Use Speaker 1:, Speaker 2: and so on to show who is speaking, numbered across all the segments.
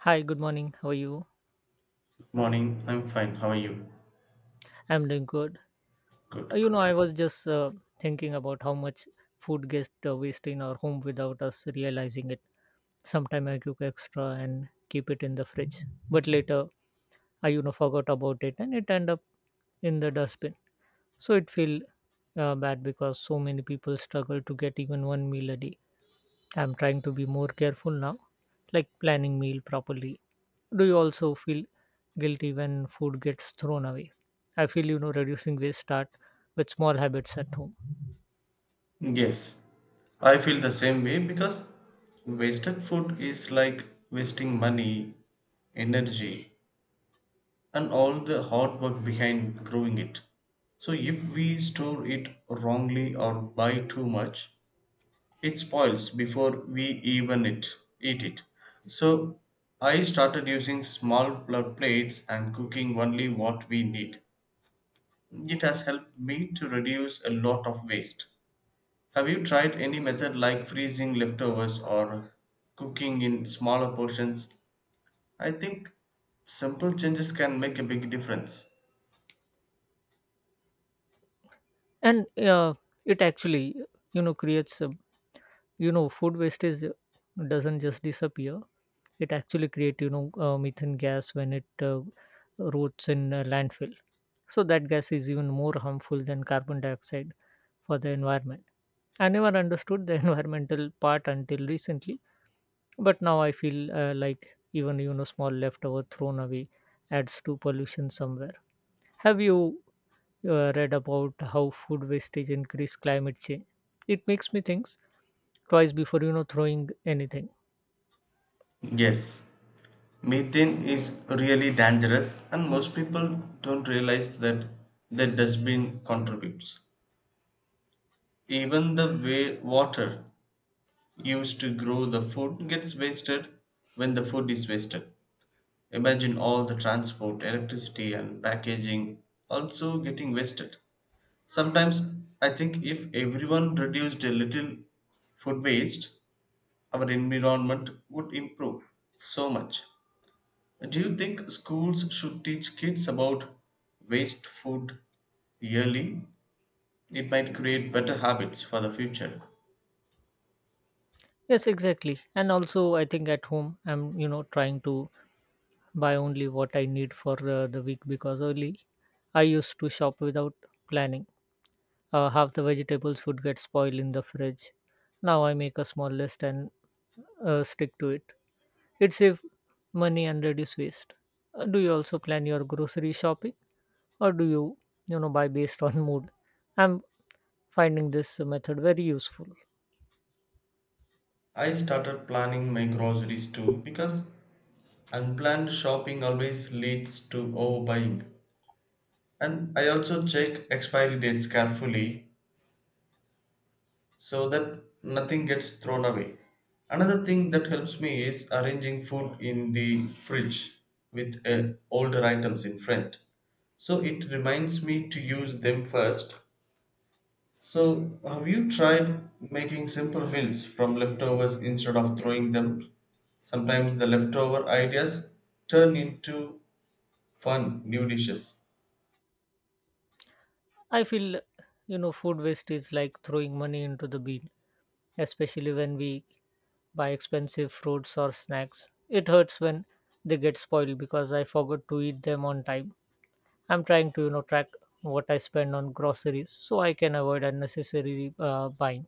Speaker 1: Hi, good morning. How are you?
Speaker 2: Morning, I'm fine. How are you?
Speaker 1: I'm doing good.
Speaker 2: Good.
Speaker 1: I was just thinking about how much food gets wasted in our home without us realizing it. Sometime I cook extra and keep it in the fridge, but later I, forgot about it and it end up in the dustbin. So it feel bad because so many people struggle to get even one meal a day. I'm trying to be more careful now, like planning meal properly. Do you also feel guilty when food gets thrown away? I feel reducing waste start with small habits at home.
Speaker 2: Yes, I feel the same way because wasted food is like wasting money, energy, and all the hard work behind growing it. So, if we store it wrongly or buy too much, it spoils before we even it, eat it. So, I started using small plates and cooking only what we need. It has helped me to reduce a lot of waste. Have you tried any method like freezing leftovers or cooking in smaller portions? I think simple changes can make a big difference.
Speaker 1: And it actually creates a food wastage doesn't just disappear. It actually creates methane gas when it rots in a landfill. So that gas is even more harmful than carbon dioxide for the environment. I never understood the environmental part until recently, but now I feel like even small leftover thrown away adds to pollution somewhere. Have you read about how food wastage increase climate change? It makes me think twice before throwing anything.
Speaker 2: Yes, methane is really dangerous, and most people don't realize that the dustbin contributes. Even the way water used to grow the food gets wasted when the food is wasted. Imagine all the transport, electricity, and packaging also getting wasted. Sometimes I think if everyone reduced a little food waste, our environment would improve so much. Do you think schools should teach kids about waste food yearly? It might create better habits for the future.
Speaker 1: Yes, exactly. And also, I think at home I'm trying to buy only what I need for the week because early I used to shop without planning. Half the vegetables would get spoiled in the fridge. Now I make a small list and stick to it. It saves money and reduce waste. Do you also plan your grocery shopping, or do you, buy based on mood? I'm finding this method very useful.
Speaker 2: I started planning my groceries too because unplanned shopping always leads to overbuying. And I also check expiry dates carefully so that nothing gets thrown away. Another thing that helps me is arranging food in the fridge with older items in front. So it reminds me to use them first. So, have you tried making simple meals from leftovers instead of throwing them? Sometimes the leftover ideas turn into fun new dishes.
Speaker 1: I feel, food waste is like throwing money into the bin, especially when we buy expensive fruits or snacks. It hurts when they get spoiled because I forgot to eat them on time. I'm trying to track what I spend on groceries so I can avoid unnecessary buying.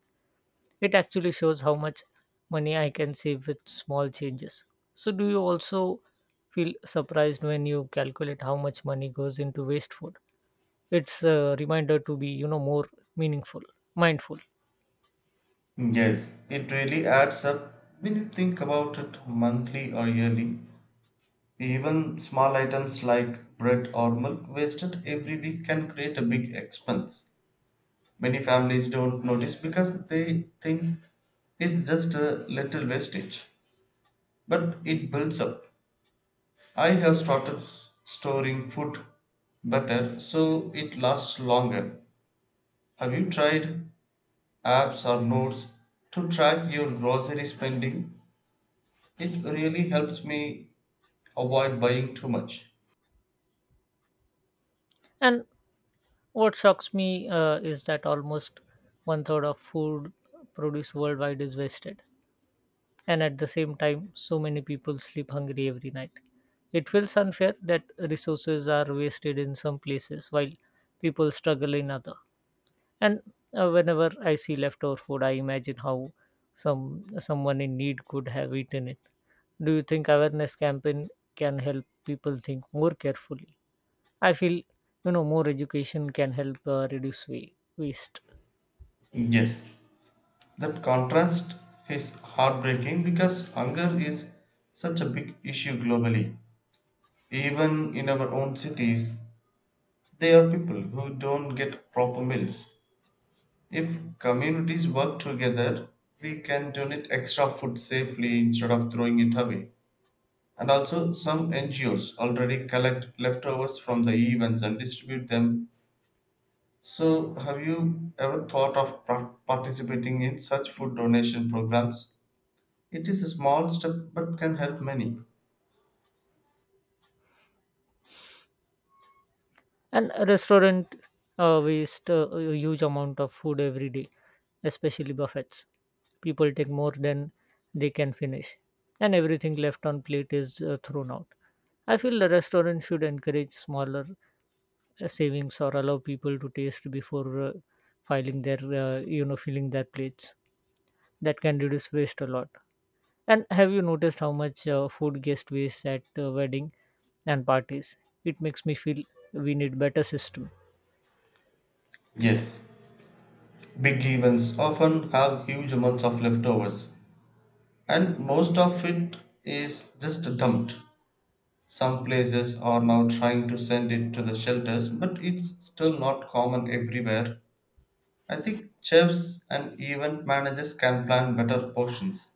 Speaker 1: It actually shows how much money I can save with small changes. So do you also feel surprised when you calculate how much money goes into waste food? It's a reminder to be more meaningful, mindful.
Speaker 2: Yes, it really adds up when you think about it monthly or yearly. Even small items like bread or milk wasted every week can create a big expense. Many families don't notice because they think it's just a little wastage, but it builds up. I have started storing food better so it lasts longer. Have you tried apps or notes to track your grocery spending? It really helps me avoid buying too much.
Speaker 1: And what shocks me is that almost one third of food produce worldwide is wasted, and at the same time, so many people sleep hungry every night. It feels unfair that resources are wasted in some places while people struggle in other. And whenever I see leftover food, I imagine how someone in need could have eaten it. Do you think awareness campaign can help people think more carefully? I feel more education can help reduce waste.
Speaker 2: Yes, that contrast is heartbreaking because hunger is such a big issue globally. Even in our own cities, there are people who don't get proper meals. If communities work together, we can donate extra food safely instead of throwing it away. And also, some NGOs already collect leftovers from the events and distribute them. So, have you ever thought of participating in such food donation programs? It is a small step but can help many.
Speaker 1: And a restaurant waste a huge amount of food every day, especially buffets. People take more than they can finish, and everything left on plate is thrown out. I feel the restaurant should encourage smaller savings or allow people to taste before filing their you know filling their plates. That can reduce waste a lot. And have you noticed how much food guest waste at wedding and parties? It makes me feel we need better system.
Speaker 2: Yes, big events often have huge amounts of leftovers, and most of it is just dumped. Some places are now trying to send it to the shelters, but it's still not common everywhere. I think chefs and event managers can plan better portions.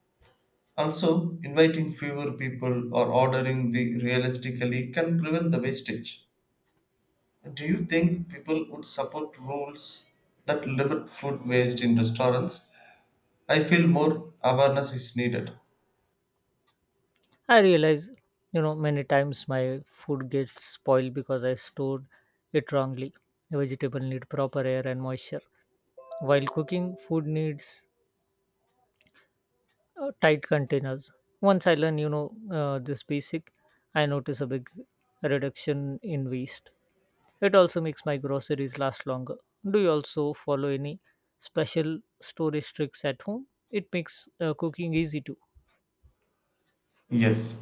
Speaker 2: Also, inviting fewer people or ordering the realistically can prevent the wastage. Do you think people would support rules that limit food waste in restaurants? I feel more awareness is needed.
Speaker 1: I realize, many times my food gets spoiled because I stored it wrongly. Vegetable need proper air and moisture, while cooking food needs tight containers. Once I learn, this basic, I notice a big reduction in waste. It also makes my groceries last longer. Do you also follow any special storage tricks at home? It makes cooking easy too.
Speaker 2: Yes,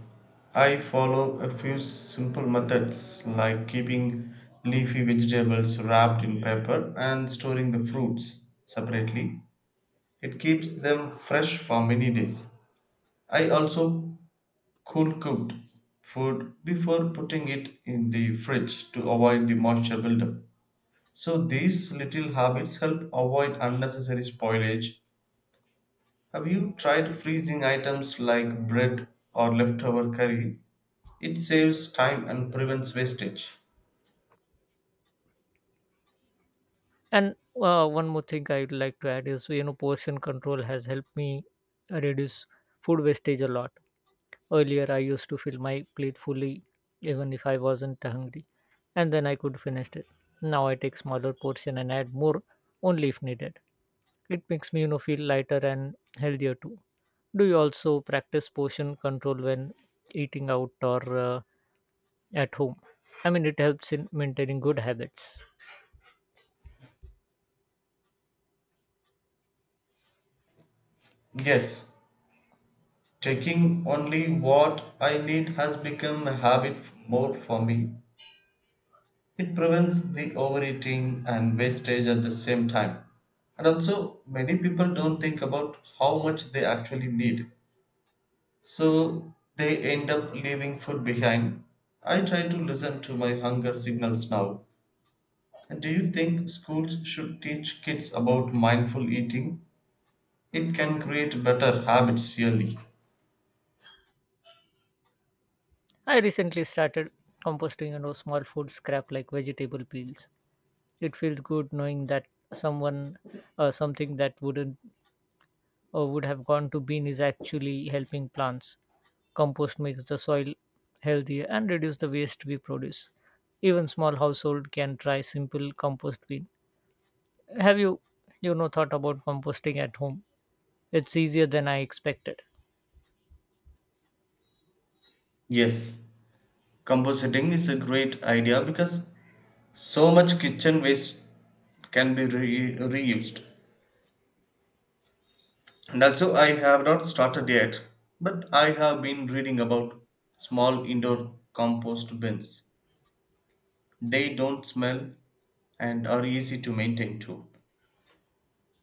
Speaker 2: I follow a few simple methods like keeping leafy vegetables wrapped in paper and storing the fruits separately. It keeps them fresh for many days. I also cool cooked food before putting it in the fridge to avoid the moisture buildup. So these little habits help avoid unnecessary spoilage. Have you tried freezing items like bread or leftover curry? It saves time and prevents wastage.
Speaker 1: And one more thing I would like to add is, portion control has helped me reduce food wastage a lot. Earlier, I used to fill my plate fully, even if I wasn't hungry, and then I could finish it. Now I take smaller portion and add more only if needed. It makes me, feel lighter and healthier too. Do you also practice portion control when eating out or at home? I mean, it helps in maintaining good habits.
Speaker 2: Yes, taking only what I need has become a more for me. It prevents the overeating and wastage at the same time. And also, many people don't think about how much they actually need, so they end up leaving food behind. I try to listen to my hunger signals now. And do you think schools should teach kids about mindful eating? It can create better habits really.
Speaker 1: I recently started composting small food scrap like vegetable peels. It feels good knowing that someone something that wouldn't or would have gone to bin is actually helping plants. Compost makes the soil healthier and reduce the waste we produce. Even small household can try simple compost bin. Have you you know thought about composting at home? It's easier than I expected.
Speaker 2: Yes, compositing is a great idea because so much kitchen waste can be reused. And also, I have not started yet, but I have been reading about small indoor compost bins. They don't smell and are easy to maintain too.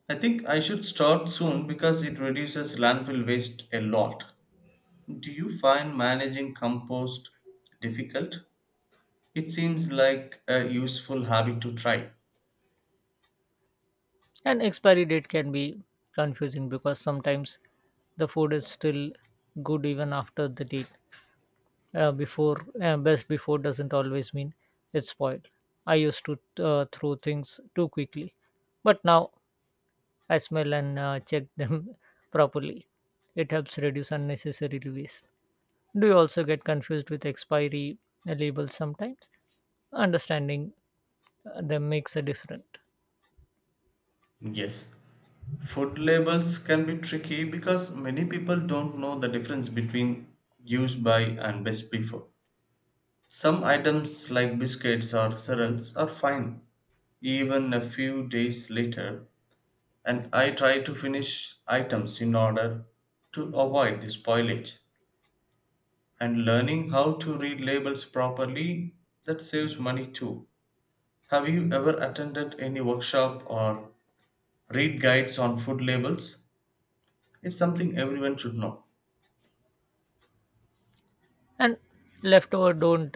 Speaker 2: I think I should start soon because it reduces landfill waste a lot. Do you find managing compost difficult? It seems like a useful habit to try.
Speaker 1: And expiry date can be confusing because sometimes the food is still good even after the date. Before Best before doesn't always mean it's spoiled. I used to throw things too quickly, but now I smell and check them properly. It helps reduce unnecessary waste. Do you also get confused with expiry labels sometimes? Understanding them makes a difference.
Speaker 2: Yes. Food labels can be tricky because many people don't know the difference between use by and best before. Some items like biscuits or cereals are fine even a few days later, and I try to finish items in order to avoid the spoilage. And learning how to read labels properly, that saves money too. Have you ever attended any workshop or read guides on food labels? It's something everyone should know.
Speaker 1: And leftover don't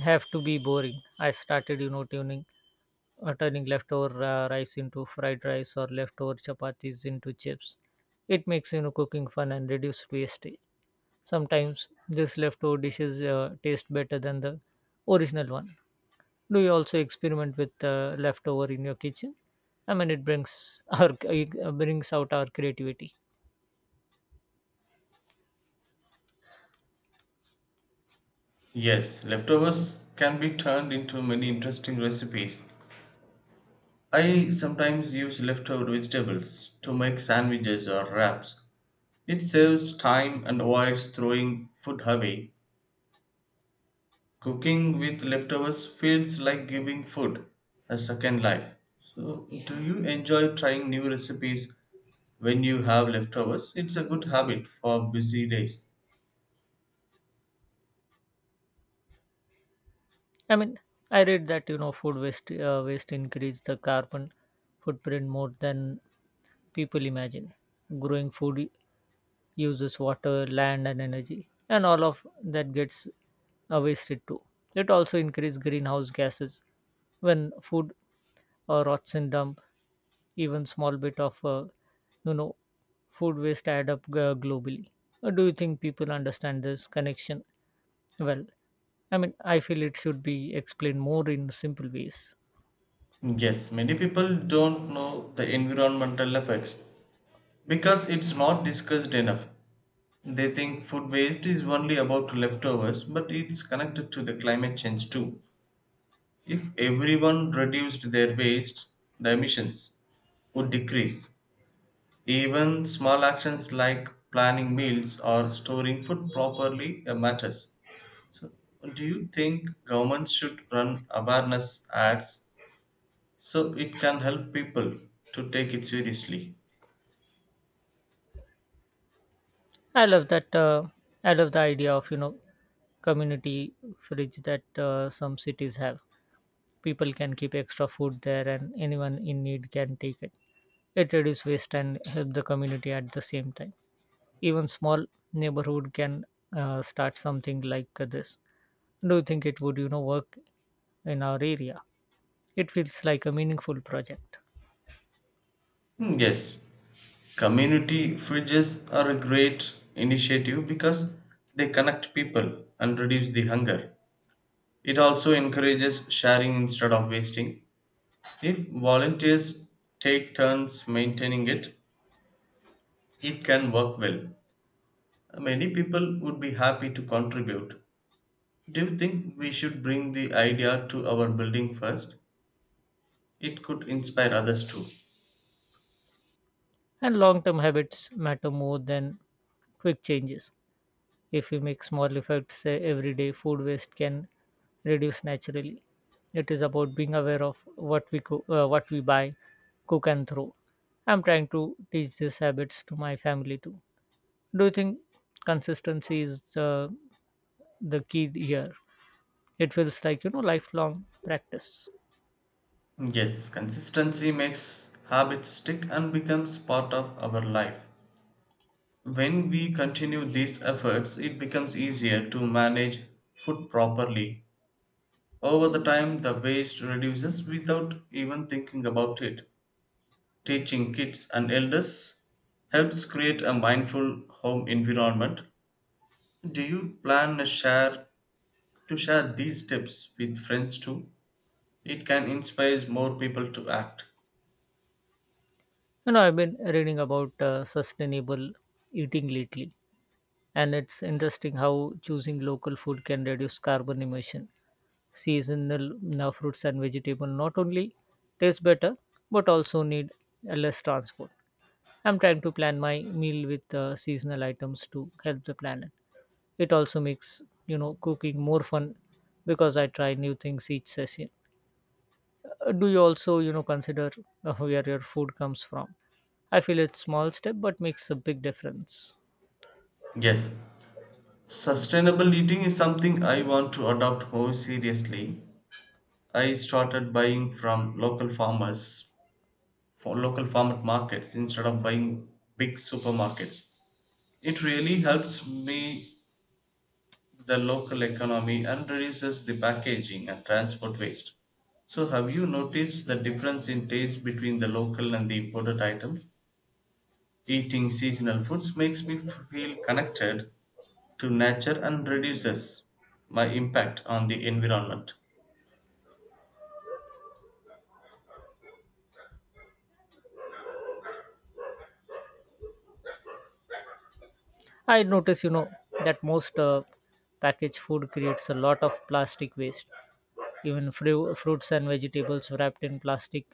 Speaker 1: have to be boring. I started, turning leftover rice into fried rice or leftover chapatis into chips. It makes cooking fun and reduce wastage. Sometimes these leftover dishes taste better than the original one. Do you also experiment with leftover in your kitchen? I mean, it brings our it brings out our creativity.
Speaker 2: Yes, leftovers can be turned into many interesting recipes. I sometimes use leftover vegetables to make sandwiches or wraps. It saves time and avoids throwing food away. Cooking with leftovers feels like giving food a second life. So, yeah, do you enjoy trying new recipes when you have leftovers? It's a good habit for busy days.
Speaker 1: I mean, I read that food waste increase the carbon footprint more than people imagine. Growing food uses water, land, and energy, and all of that gets wasted too. It also increases greenhouse gases when food rots in dump. Even small bit of you know food waste add up globally. Do you think people understand this connection well? I mean, I feel it should be explained more in simple ways.
Speaker 2: Yes, many people don't know the environmental effects because it's not discussed enough. They think food waste is only about leftovers, but it's connected to the climate change too. If everyone reduced their waste, the emissions would decrease. Even small actions like planning meals or storing food properly matters. So, do you think governments should run awareness ads so it can help people to take it seriously?
Speaker 1: I love that. I love the idea of community fridge that some cities have. People can keep extra food there, and anyone in need can take it. It reduces waste and help the community at the same time. Even small neighborhood can start something like this. Do you think it would work in our area? It feels like a meaningful project,
Speaker 2: Hmm, yes, community fridges are a great initiative because they connect people and reduce the hunger. It also encourages sharing instead of wasting. If volunteers take turns maintaining it, it can work well. Many people would be happy to contribute. Do you think we should bring the idea to our building first? It could inspire others too.
Speaker 1: and long-term habits matter more than quick changes. If we make small effects say every day, food waste can reduce naturally. It is about being aware of what we cook, what we buy, cook and throw. I'm trying to teach these habits to my family too. Do you think consistency is the key here? It feels like lifelong practice.
Speaker 2: Yes, consistency makes habits stick and becomes part of our life. When we continue these efforts, it becomes easier to manage food properly. Over the time, the waste reduces without even thinking about it. Teaching kids and elders helps create a mindful home environment. Do you plan a share to share these tips with friends too? It can inspire more people to act.
Speaker 1: I've been reading about sustainable eating lately, and it's interesting how choosing local food can reduce carbon emission. Seasonal fruits and vegetable not only taste better but also need less transport. I'm trying to plan my meal with seasonal items to help the planet. It also makes cooking more fun because I try new things each session. Do you also consider where your food comes from? I feel it's small step but makes a big difference.
Speaker 2: Yes, sustainable eating is something I want to adopt more seriously. I started buying from local farmers for local farm markets instead of buying big supermarkets. It really helps me the local economy and reduces the packaging and transport waste. So, have you noticed the difference in taste between the local and the imported items? Eating seasonal foods makes me feel connected to nature and reduces my impact on the environment.
Speaker 1: I notice, that most packaged food creates a lot of plastic waste. Even fruits and vegetables wrapped in plastic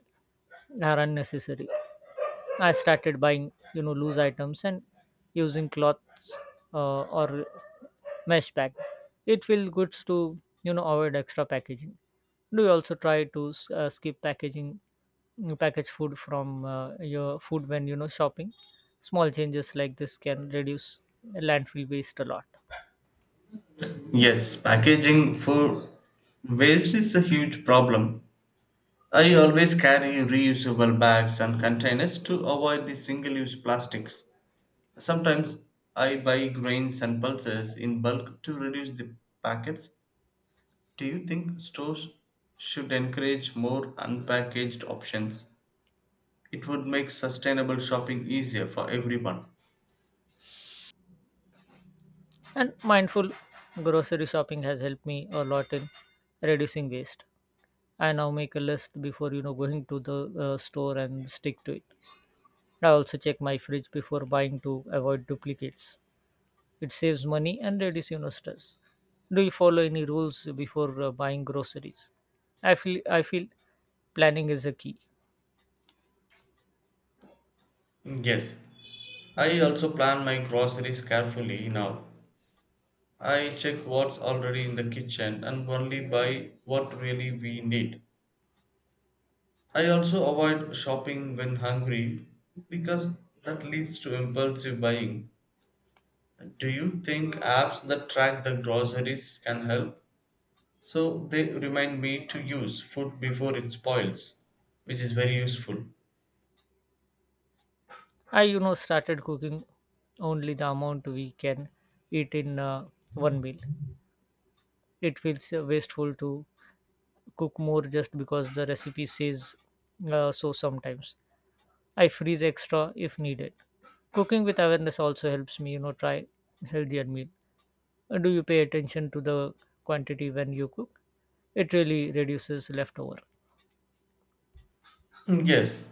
Speaker 1: are unnecessary. I started buying, loose items and using cloths or mesh bag. It feels good to, avoid extra packaging. Do you also try to skip packaging, package food from your food when shopping? Small changes like this can reduce landfill waste a lot.
Speaker 2: Yes, packaging for waste is a huge problem. I always carry reusable bags and containers to avoid the single use plastics. Sometimes I buy grains and pulses in bulk to reduce the packets. Do you think stores should encourage more unpackaged options? It would make sustainable shopping easier for everyone.
Speaker 1: And mindful grocery shopping has helped me a lot in reducing waste. I now make a list before going to the store and stick to it. I also check my fridge before buying to avoid duplicates. It saves money and reduces stress. Do you follow any rules before buying groceries? I feel planning is a key.
Speaker 2: Yes. I also plan my groceries carefully now. I check what's already in the kitchen and only buy what really we need. I also avoid shopping when hungry because that leads to impulsive buying. Do you think apps that track the groceries can help? So they remind me to use food before it spoils, which is very useful.
Speaker 1: I started cooking only the amount we can eat in one meal. It feels wasteful to cook more just because the recipe says so sometimes. I freeze extra if needed. Cooking with awareness also helps me try healthier meals. Do you pay attention to the quantity when you cook? It really reduces leftover.
Speaker 2: Mm, yes,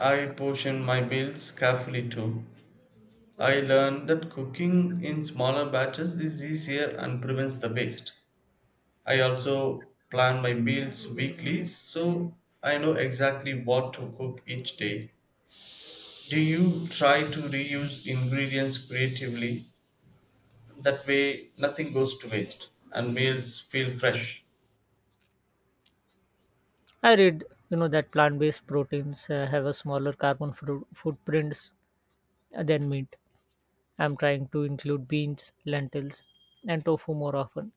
Speaker 2: I portion my meals carefully too. I learned that cooking in smaller batches is easier and prevents the waste. I also plan my meals weekly so I know exactly what to cook each day. Do you try to reuse ingredients creatively? That way, nothing goes to waste and meals feel fresh.
Speaker 1: I read, that plant-based proteins have a smaller carbon footprints than meat. I'm trying to include beans, lentils, and tofu more often.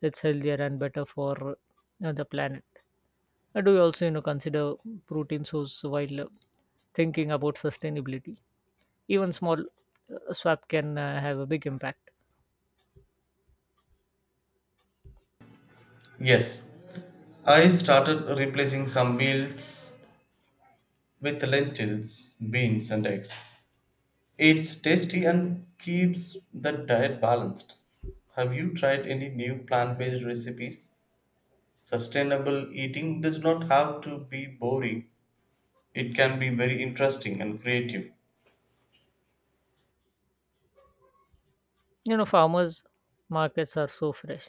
Speaker 1: It's healthier and better for the planet. Do you also, consider protein source while thinking about sustainability? Even small swap can have a big impact.
Speaker 2: Yes, I started replacing some meals with lentils, beans, and eggs. It's tasty and keeps the diet balanced. Have you tried any new plant based recipes? Sustainable eating does not have to be boring, it can be very interesting and creative.
Speaker 1: Farmers markets are so fresh,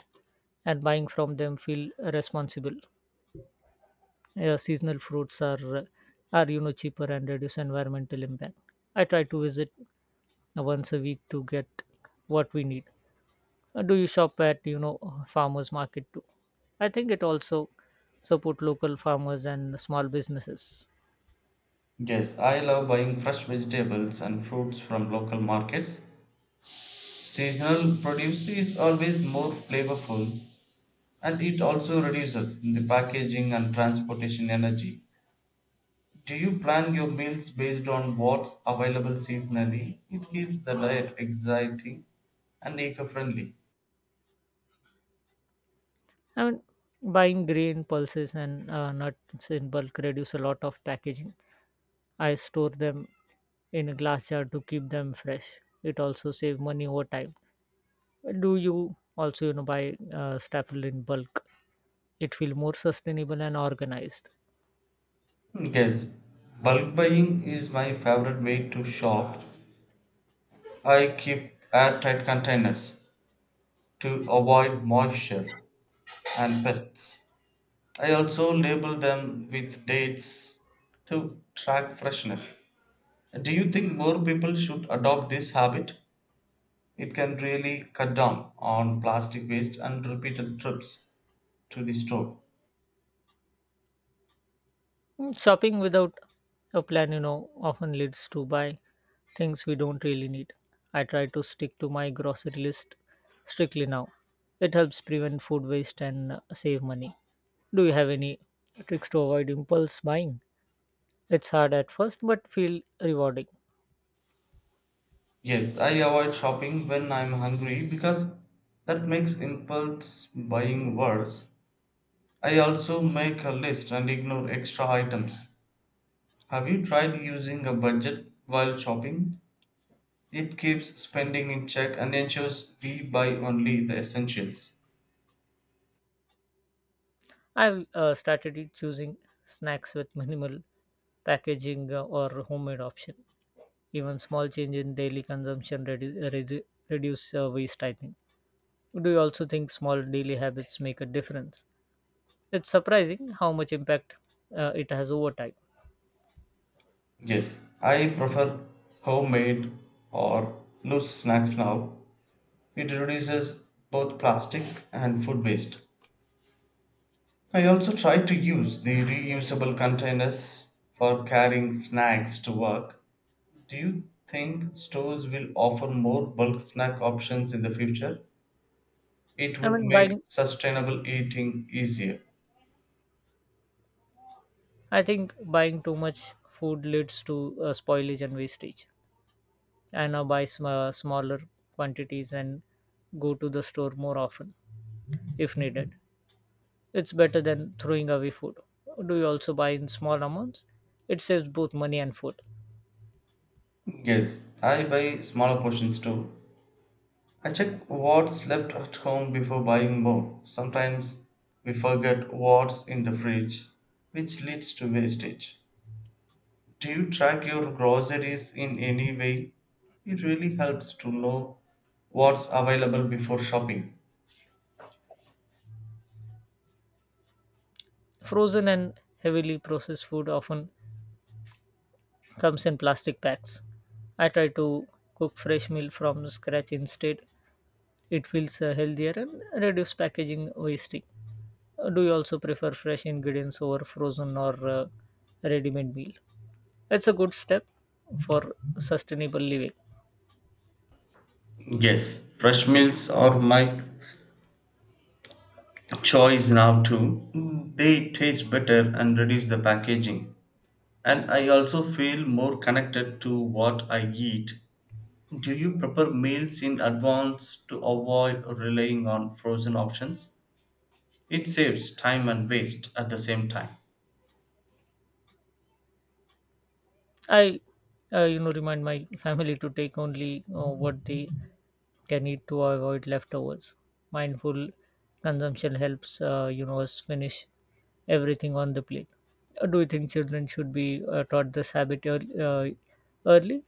Speaker 1: and buying from them feel responsible. Seasonal fruits are cheaper and reduce environmental impact. I try to visit once a week to get what we need. Do you shop at farmers market too? I think it also support local farmers and small businesses.
Speaker 2: Yes, I love buying fresh vegetables and fruits from local markets. Seasonal produce is always more flavorful and it also reduces the packaging and transportation energy. Do you plan your meals based on what's available seasonally? It keeps the diet exciting and eco friendly.
Speaker 1: I mean, buying grain, pulses, and nuts in bulk reduce a lot of packaging. I store them in a glass jar to keep them fresh. It also save money over time. Do you also buy staple in bulk? It feel more sustainable and organized.
Speaker 2: Yes, bulk buying is my favorite way to shop. I keep airtight containers to avoid moisture and pests. I also label them with dates to track freshness. Do you think more people should adopt this habit? It can really cut down on plastic waste and repeated trips to the store.
Speaker 1: Shopping without a plan, often leads to buy things we don't really need. I try to stick to my grocery list strictly now. It helps prevent food waste and save money. Do you have any tricks to avoid impulse buying? It's hard at first, but feel rewarding.
Speaker 2: Yes, I avoid shopping when I'm hungry because that makes impulse buying worse. I also make a list and ignore extra items. Have you tried using a budget while shopping? It keeps spending in check and ensures we buy only the essentials.
Speaker 1: I've started choosing snacks with minimal packaging or homemade option. Even small change in daily consumption reduce waste, I think. Do you also think small daily habits make a difference? It's surprising how much impact it has over time.
Speaker 2: Yes, I prefer homemade or loose snacks now. It reduces both plastic and food waste. I also try to use the reusable containers for carrying snacks to work. Do you think stores will offer more bulk snack options in the future? It
Speaker 1: I
Speaker 2: would
Speaker 1: mean,
Speaker 2: make
Speaker 1: buying.
Speaker 2: sustainable eating easier.
Speaker 1: I think buying too much food leads to spoilage and wastage. I now buy smaller quantities and go to the store more often if needed. It's better than throwing away food. Do you also buy in small amounts? It saves both money and food.
Speaker 2: Yes, I buy smaller portions too. I check what's left at home before buying more. Sometimes we forget what's in the fridge, which leads to wastage. Do you track your groceries in any way? It really helps to know what's available before shopping.
Speaker 1: Frozen and heavily processed food often comes in plastic packs. I try to cook fresh meal from scratch instead. It feels healthier and reduce packaging wasting. Do you also prefer fresh ingredients over frozen or ready-made meal? It's a good step for sustainable living.
Speaker 2: Yes, fresh meals are my choice now too. Mm, they taste better and reduce the packaging. And I also feel more connected to what I eat. Do you prepare meals in advance to avoid relying on frozen options? It saves time and waste at the same time.
Speaker 1: I remind my family to take only what they can eat to avoid leftovers. Mindful consumption helps, us finish everything on the plate. Do you think children should be taught this habit early?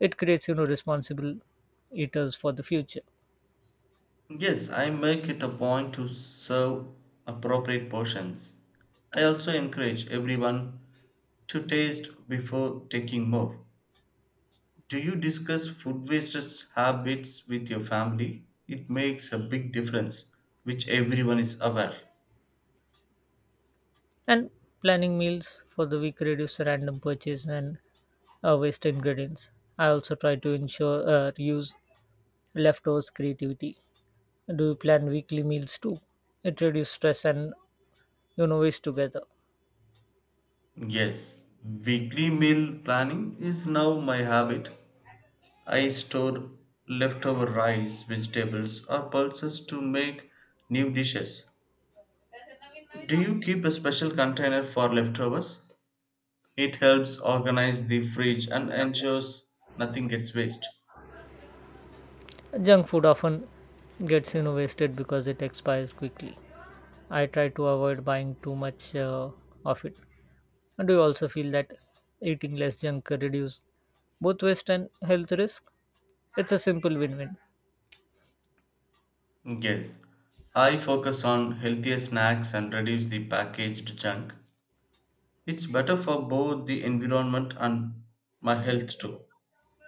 Speaker 1: It creates, responsible eaters for the future.
Speaker 2: Yes, I make it a point to serve appropriate portions. I also encourage everyone to taste before taking more. Do you discuss food waste habits with your family? It makes a big difference, which everyone is aware.
Speaker 1: And planning meals for the week reduce random purchase and waste ingredients. I also try to ensure use leftovers creativity. Do you plan weekly meals too? It reduces stress and waste together.
Speaker 2: Yes, weekly meal planning is now my habit. I store leftover rice, vegetables, or pulses to make new dishes. Do you keep a special container for leftovers? It helps organize the fridge and ensures nothing gets waste.
Speaker 1: Junk food often gets wasted because it expires quickly. I try to avoid buying too much of it. And do you also feel that eating less junk reduces both waste and health risk? It's a simple win-win.
Speaker 2: Yes, I focus on healthier snacks and reduce the packaged junk. It's better for both the environment and my health too.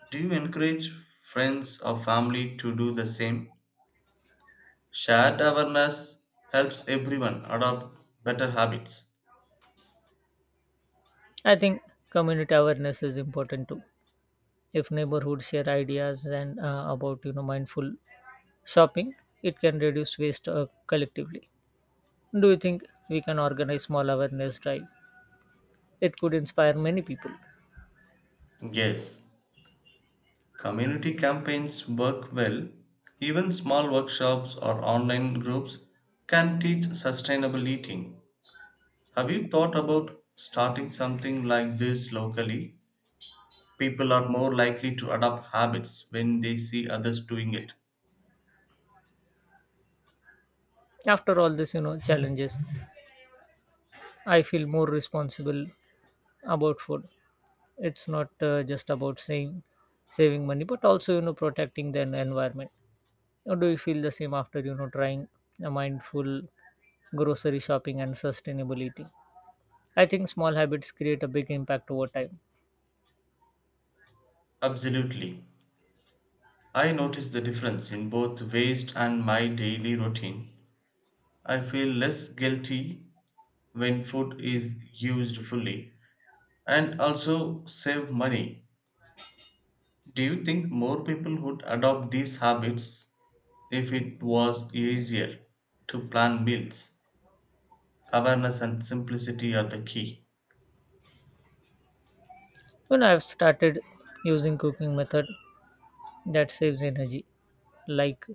Speaker 2: Do you encourage friends or family to do the same? Shared awareness helps everyone adopt better habits.
Speaker 1: I think community awareness is important too. If neighborhoods share ideas and about mindful shopping, it can reduce waste collectively. Do you think we can organize small awareness drive? It could inspire many people.
Speaker 2: Yes, community campaigns work well. Even small workshops or online groups can teach sustainable eating. Have you thought about starting something like this locally? People are more likely to adopt habits when they see others doing it.
Speaker 1: After all this, challenges, I feel more responsible about food. It's not just about saying saving money, but also protecting the environment. Or do you feel the same after trying a mindful grocery shopping and sustainable eating? I think small habits create a big impact over time.
Speaker 2: Absolutely. I notice the difference in both waste and my daily routine. I feel less guilty when food is used fully and also save money. Do you think more people would adopt these habits if it was easier to plan meals? Awareness and simplicity are the key.
Speaker 1: I've started using cooking method that saves energy, like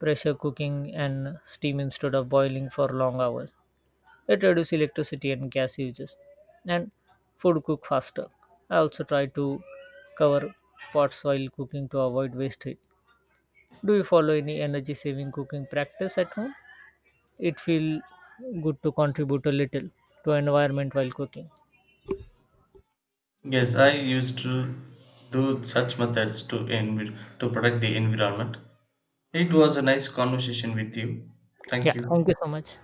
Speaker 1: pressure cooking and steam instead of boiling for long hours. It reduces electricity and gas uses, and food cook faster. I also try to cover pots while cooking to avoid waste heat. Do you follow any energy saving cooking practice at home? It feels good to contribute a little to environment while cooking.
Speaker 2: Yes, I used to do such methods to to protect the environment. It was a nice conversation with you. Thank
Speaker 1: Yeah,
Speaker 2: you.
Speaker 1: thank you so much.